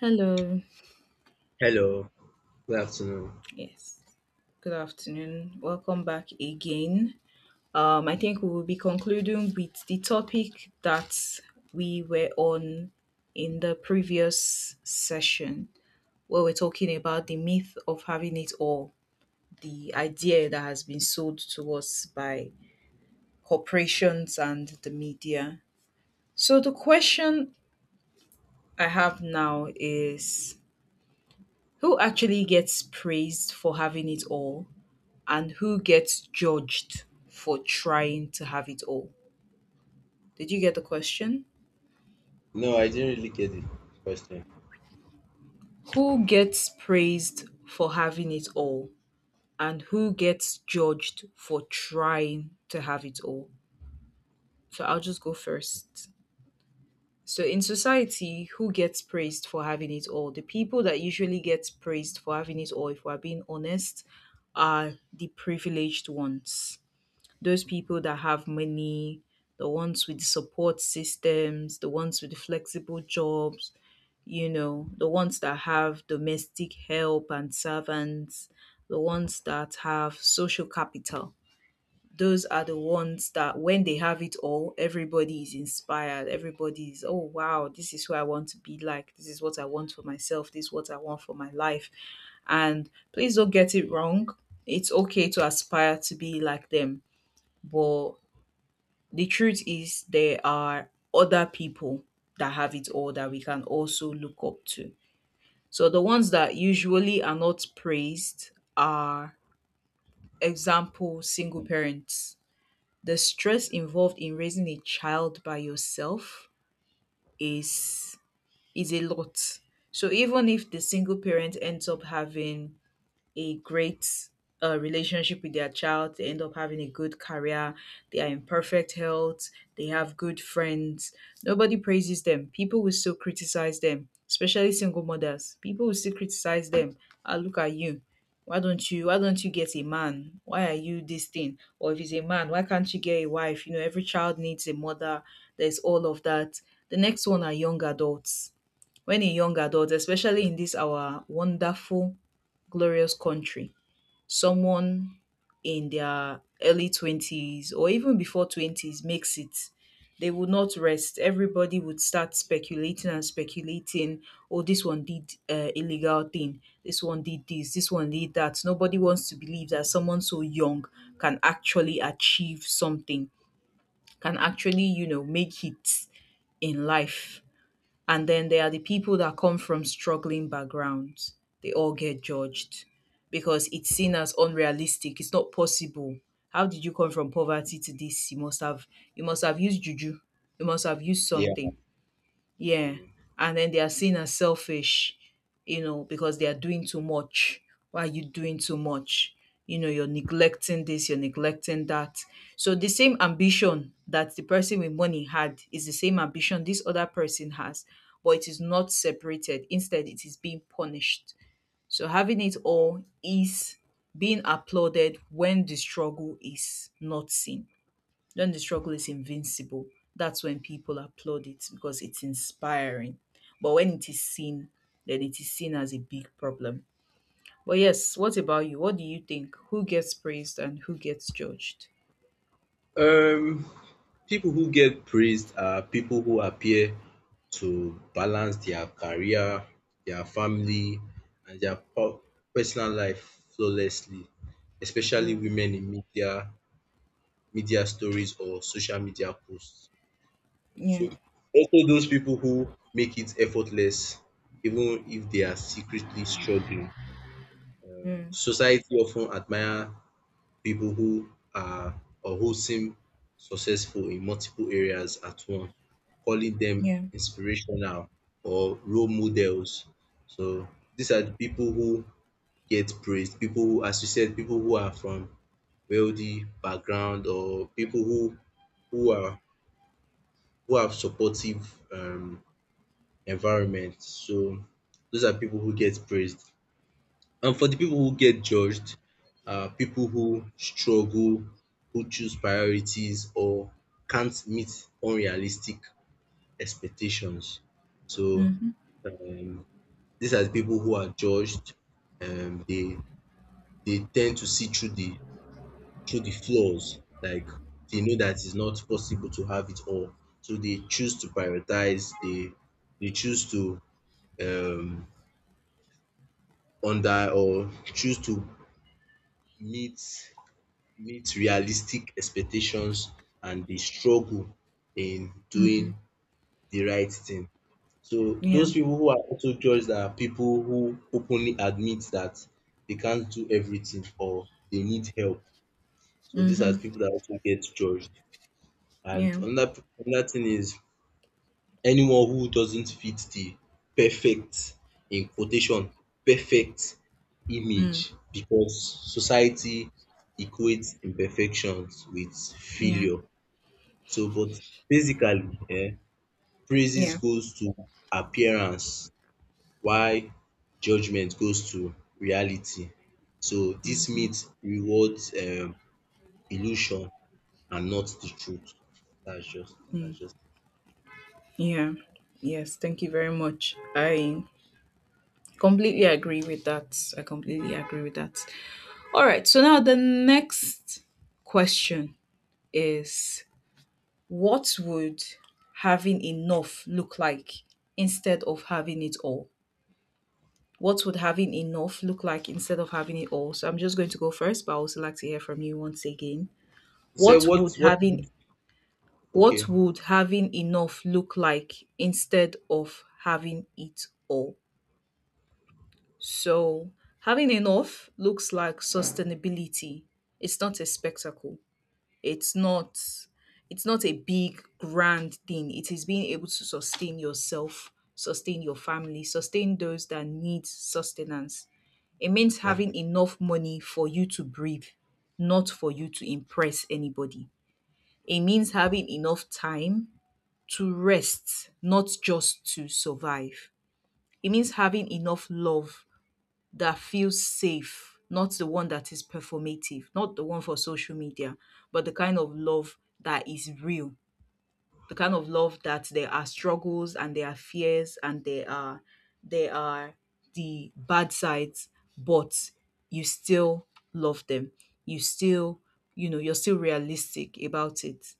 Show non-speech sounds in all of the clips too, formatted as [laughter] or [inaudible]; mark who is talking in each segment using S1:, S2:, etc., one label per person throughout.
S1: Hello.
S2: Hello, good afternoon.
S1: Yes. Good afternoon. Welcome back again. I think we will be concluding with the topic that we were on in the previous session, where we're talking about the myth of having it all, the idea that has been sold to us by corporations and the media. So, the question I have now is, who actually gets praised for having it all? And who gets judged for trying to have it all? Did you get the question?
S2: No, I didn't really get the question.
S1: Who gets praised for having it all and who gets judged for trying to have it all? So I'll just go first. So in society, who gets praised for having it all? The people that usually get praised for having it all, if we're being honest, are the privileged ones, those people that have money, the ones with support systems, the ones with flexible jobs, you know, the ones that have domestic help and servants, the ones that have social capital. Those are the ones that when they have it all, everybody is inspired. Everybody is, oh, wow, this is who I want to be like. This is what I want for myself. This is what I want for my life. And please don't get it wrong. It's okay to aspire to be like them, but the truth is there are other people that have it all that we can also look up to. So the ones that usually are not praised are, example, single parents. The stress involved in raising a child by yourself is is a lot. So even if the single parent ends up having a great relationship with their child, they end up having a good career. They are in perfect health. They have good friends. Nobody praises them. People will still criticize them, especially single mothers. People will still criticize them. Ah, look at you. Why don't you get a man? Why are you this thing? Or if it's a man, why can't you get a wife? You know, every child needs a mother. There's all of that. The next one are young adults. When a young adult, especially in this our wonderful, glorious country, someone in their early 20s or even before 20s makes it, they would not rest. Everybody would start speculating and speculating. Oh, this one did illegal thing. This one did this. This one did that. Nobody wants to believe that someone so young can actually achieve something, can actually, you know, make it in life. And then there are the people that come from struggling backgrounds. They all get judged because it's seen as unrealistic. It's not possible. How did you come from poverty to this? You must have used juju. You must have used
S2: Yeah.
S1: something. Yeah. And then they are seen as selfish, you know, because they are doing too much. Why are you doing too much? You know, you're neglecting this, you're neglecting that. So the same ambition that the person with money had is the same ambition this other person has, but it is not separated. Instead, it is being punished. So having it all is being applauded when the struggle is not seen. When the struggle is invincible, that's when people applaud it because it's inspiring. But when it is seen, then it is seen as a big problem. But yes, what about you? What do you think? Who gets praised and who gets judged?
S2: Um, People who get praised are people who appear to balance their career, their family, and their personal life flawlessly, especially
S1: Mm,
S2: women in media, media stories or social media posts.
S1: yeah.
S2: So also those people who make it effortless, even if they are secretly struggling.
S1: Mm,
S2: Society often admire people who are or who seem successful in multiple areas at once, calling them
S1: yeah.
S2: inspirational or role models. So these are the people who get praised, people who, as you said, people who are from wealthy background or people who are who have supportive environment. So those are people who get praised. And for the people who get judged, people who struggle, who choose priorities or can't meet unrealistic expectations. So
S1: Mm-hmm.
S2: um, these are the people who are judged. Um, they they tend to see through the flaws. Like they know that it's not possible to have it all, so they choose to prioritize. They choose to um, under or choose to meet meet realistic expectations and they struggle in doing
S1: Mm-hmm.
S2: the right thing. So
S1: Yeah.
S2: those people who are also judged are people who openly admit that they can't do everything or they need help. So these are
S1: Mm-hmm.
S2: people that also get judged. And
S1: Yeah.
S2: another thing is anyone who doesn't fit the perfect in quotation perfect image
S1: Mm,
S2: because society equates imperfections with
S1: yeah.
S2: failure. So but basically um praises
S1: Yeah.
S2: goes to appearance while judgement goes to reality. So this myth rewards illusion and not the truth. That's just it.
S1: Yeah. Yes. Thank you very much. I completely agree with that. I completely agree with that. All right. So now the next question is, what would having enough look like instead of having it all? What would having enough look like instead of having it all? So I'm just going to go first, but I also like to hear from you once again.
S2: So
S1: What
S2: what
S1: would
S2: what
S1: having what
S2: okay
S1: would having enough look like instead of having it all? So having enough looks like sustainability. It's not a spectacle. It's not it's not a big grand thing. It is being able to sustain yourself, sustain your family, sustain those that need sustenance. It means having
S2: okay
S1: enough money for you to breathe, not for you to impress anybody. It means having enough time to rest, not just to survive. It means having enough love that feels safe, not the one that is performative, not the one for social media, but the kind of love that is real, the kind of love that there are struggles and there are fears and there are the bad sides, but you still love them. You still, you know, you're still realistic about it.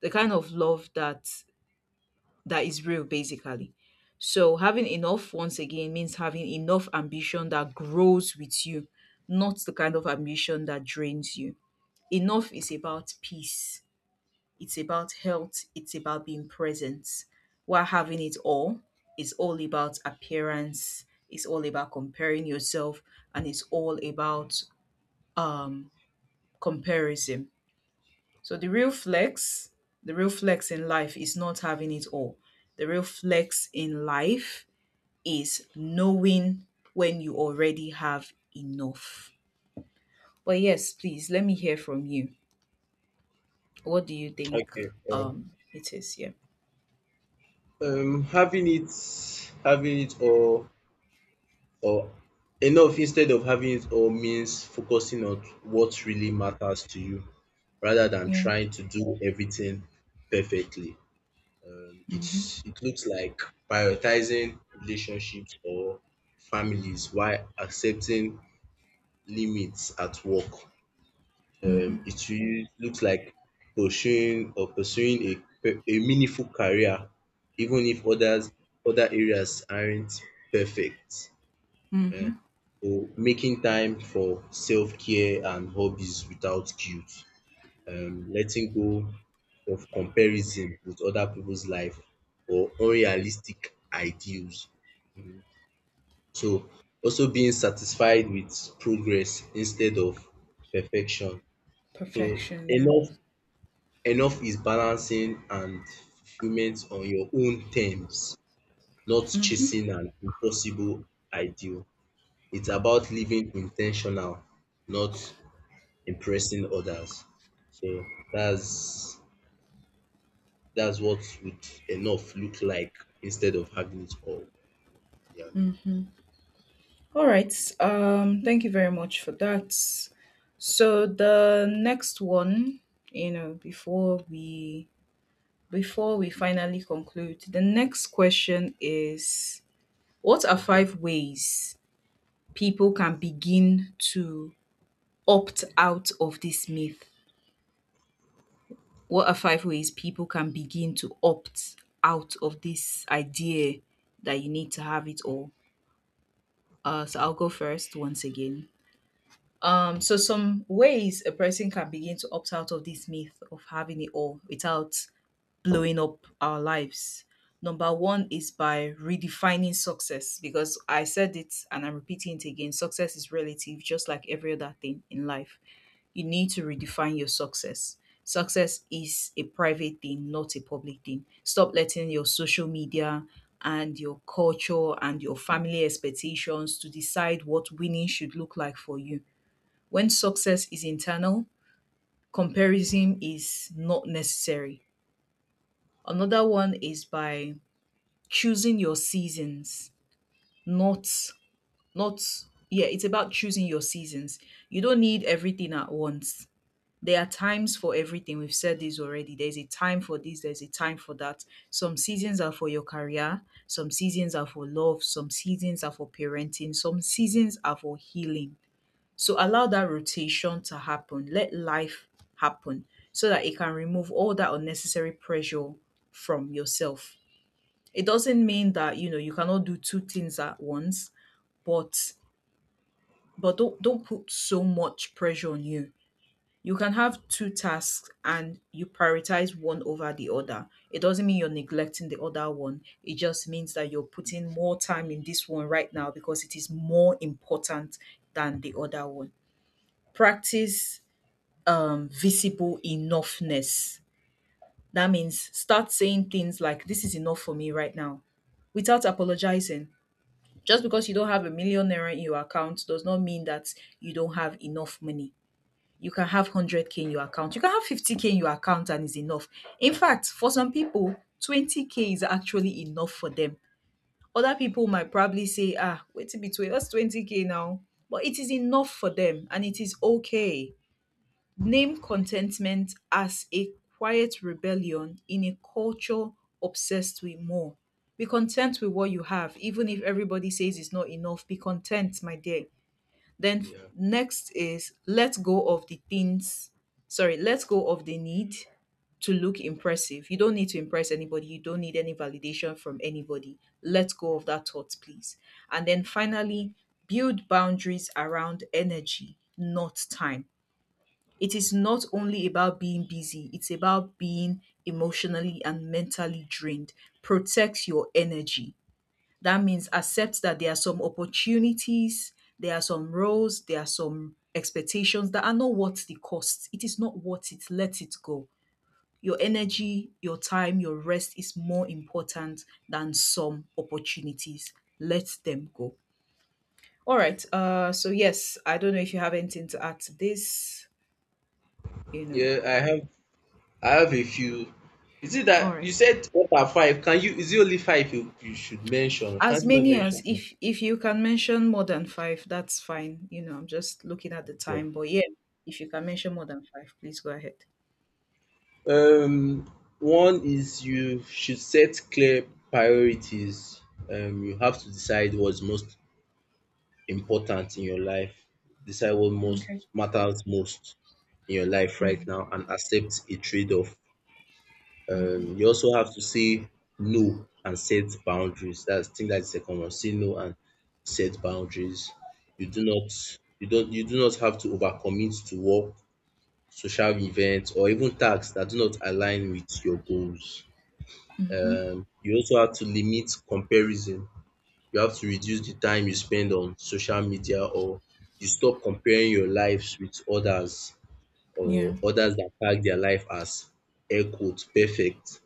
S1: The kind of love that is real basically. So having enough once again means having enough ambition that grows with you, not the kind of ambition that drains you. Enough is about peace, it's about health, it's about being present. While having it all is all about appearance, it's all about comparing yourself, and it's all about um comparison. So the real flex in life is not having it all. The real flex in life is knowing when you already have enough. But yes, please let me hear from you. What do you think
S2: okay,
S1: it is? Yeah.
S2: um, having it having it all or enough instead of having it all means focusing on what really matters to you rather than
S1: Yeah.
S2: trying to do everything perfectly.
S1: Mhm.
S2: It's it looks like prioritizing relationships or families while accepting limits at work.
S1: Mhm.
S2: It really looks like pursuing a a meaningful career even if other areas aren't perfect.
S1: Mhm.
S2: um So making time for self-care and hobbies without guilt, letting go of comparison with other people's life or unrealistic ideals. Mhm. So also being satisfied with progress instead of perfection. So
S1: Perfection, yeah.
S2: enough enough is balancing and fulfillment on your own terms, not chasing an impossible ideal. It's about living intentional, not impressing others. So that's that's what would enough look like instead of having it all. Yeah.
S1: All right. Thank you very much for that. So the next one, you know, before we finally conclude, the next question is, what are
S2: Like that.
S1: five ways people can begin to opt out of this myth? What are five ways people can begin to opt out of this idea that you need to have it all? So I'll go first once again. So some ways a person can begin to opt out of this myth of having it all without blowing up our lives. Number one is by redefining success, because I said it and I'm repeating it again. Success is relative, just like every other thing in life. You need to redefine your success. Success is a private thing, not a public thing. Stop letting your social media and your culture and your family expectations to decide what winning should look like for you. When success is internal, comparison is not necessary. Another one is by choosing your seasons, not not yeah, it's about choosing your seasons. You don't need everything at once. There are times for everything. We've said this already. There's a time for this, there's a time for that. Some seasons are for your career, some seasons are for love, some seasons are for parenting, some seasons are for healing. So allow that rotation to happen. Let life happen so that it can remove all that unnecessary pressure from yourself. It doesn't mean that, you know, you cannot do two things at once, but but don't put so much pressure on you. You can have two tasks and you prioritize one over the other. It doesn't mean you're neglecting the other one. It just means that you're putting more time in this one right now because it is more important than the other one. Practice visible enoughness. That means start saying things like, this is enough for me right now, without apologizing. Just because you don't have a million naira in your account does not mean that you don't have enough money. You can have 100K in your account. You can have 50K in your account and is enough. In fact, for some people, 20K is actually enough for them. Other people might probably say, ah, wait a bit, wait, what's 20K now? But it is enough for them and it is okay. Name contentment as a quiet rebellion in a culture obsessed with more. Be content with what you have, even if everybody says it's not enough. Be content, my dear.
S2: Yeah.
S1: Next is let go of the things. Sorry, let go of the need to look impressive. You don't need to impress anybody. You don't need any validation from anybody. Let go of that thought, please. And then finally, build boundaries around energy, not time. It is not only about being busy, it's about being emotionally and mentally drained. Protect your energy. That means accept that there are some opportunities, there are some roles, there are some expectations that are not worth the cost. It is not worth it. Let it go. Your energy, your time, your rest is more important than some opportunities. Let them go. All right. So, yes, I don't know if you have anything to add to this, you know.
S2: Yeah, I have a few. Is it
S1: All
S2: that you
S1: right.
S2: said what are five? Can you, is it only five you, you should mention?
S1: As
S2: Can't you not
S1: many as,
S2: mention more?
S1: if you can mention more than 5, that's fine. You know, I'm just looking at the
S2: Yeah.
S1: time, but yeah, if you can mention more than 5, please go ahead.
S2: Um, One is you should set clear priorities. You have to decide what's most important in your life. Decide what most
S1: Okay.
S2: matters most in your life right
S1: Mm.
S2: now and accept a trade-off. You also have to say no and set boundaries. That's, I think that's the second one. Say no and set boundaries. You don't you do not have to overcommit to work, social events, or even tasks that do not align with your goals. You also have to limit comparison, you have to reduce the time you spend on social media or you stop comparing your lives with others
S1: Yeah,
S2: or others that tag their life as air quotes" perfect,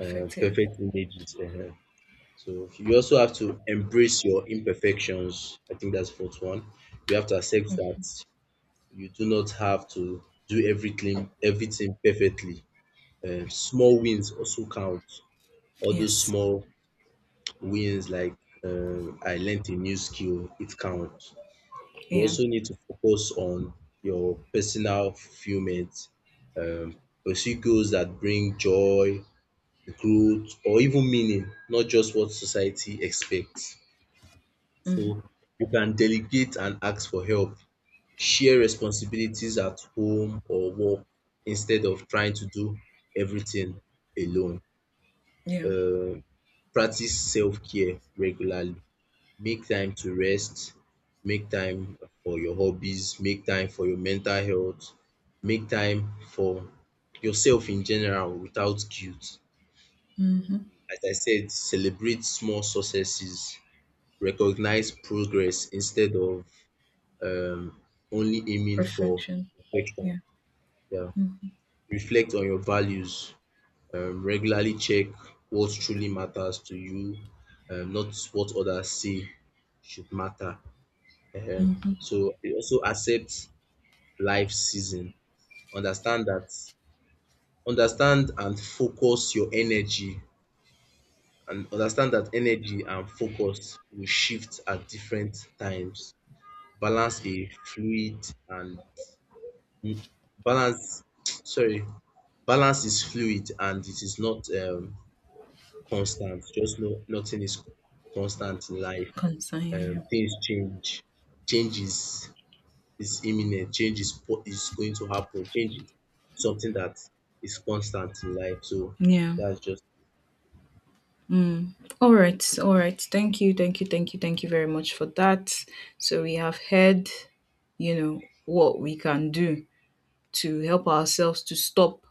S1: Yeah.
S2: perfect images. So you also have to embrace your imperfections. I think that's fourth one. You have to accept that you do not have to do everything perfectly. Small wins also count. All those
S1: Yes.
S2: small wins, like I learned a new skill, it counts. You
S1: Yeah.
S2: also need to focus on your personal fulfillment, pursue goals that bring joy, growth, or even meaning, not just what society expects.
S1: Mm.
S2: So you can delegate and ask for help, share responsibilities at home or work instead of trying to do everything alone.
S1: Yeah.
S2: Um, Practice self-care regularly. Make time to rest, make time for your hobbies, make time for your mental health, make time for yourself in general without guilt.
S1: Hmm.
S2: As I said, celebrate small successes, recognize progress instead of um only aiming for
S1: Perfection.
S2: perfection.
S1: Yeah.
S2: Yeah.
S1: Mm.
S2: Reflect on your values, regularly check what truly matters to you, not what others say should matter. So it also accept life season. Understand that Understand and focus your energy, and understand that energy and focus will shift at different times. Balance a fluid and mm, balance [tsk] sorry, balance is fluid and it is not constant. Just no, nothing is constant in life.
S1: Concern. Yeah.
S2: Things change. Changes is imminent, is going to happen. Change is something that is constant in life. So
S1: Yeah.
S2: that's just
S1: All right. All right. Thank you. Thank you. Thank you. Thank you very much for that. So we have heard, you know, what we can do to help ourselves, to stop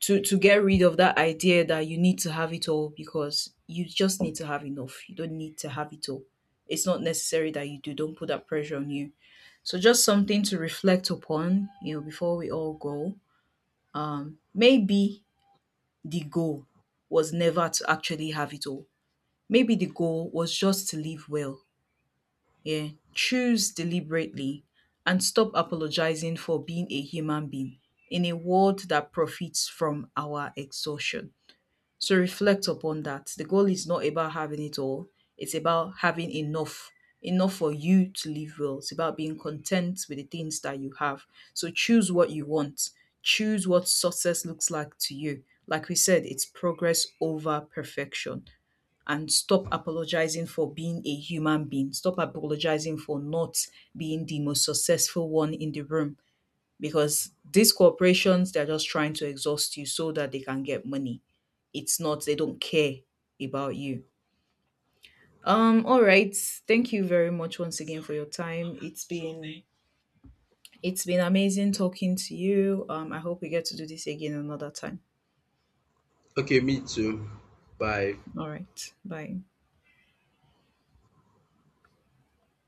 S1: to get rid of that idea that you need to have it all, because you just need to have enough. You don't need to have it all. It's not necessary that you do. Don't put that pressure on you. So just something to reflect upon, you know, before we all go. Maybe the goal was never to actually have it all. Maybe the goal was just to live well. Yeah. Choose deliberately and stop apologizing for being a human being in a world that profits from our exhaustion. So reflect upon that. The goal is not about having it all, it's about having enough. Enough for you to live well. It's about being content with the things that you have. So choose what you want. Choose what success looks like to you. Like we said, it's progress over perfection. And stop apologizing for being a human being. Stop apologizing for not being the most successful one in the room, because these corporations, they're just trying to exhaust you so that they can get money. It's not, they don't care about you. All right, thank you very much once again for your time. It's been amazing talking to you. I hope we get to do this again another time.
S2: okay. Me too. Bye.
S1: All right, bye.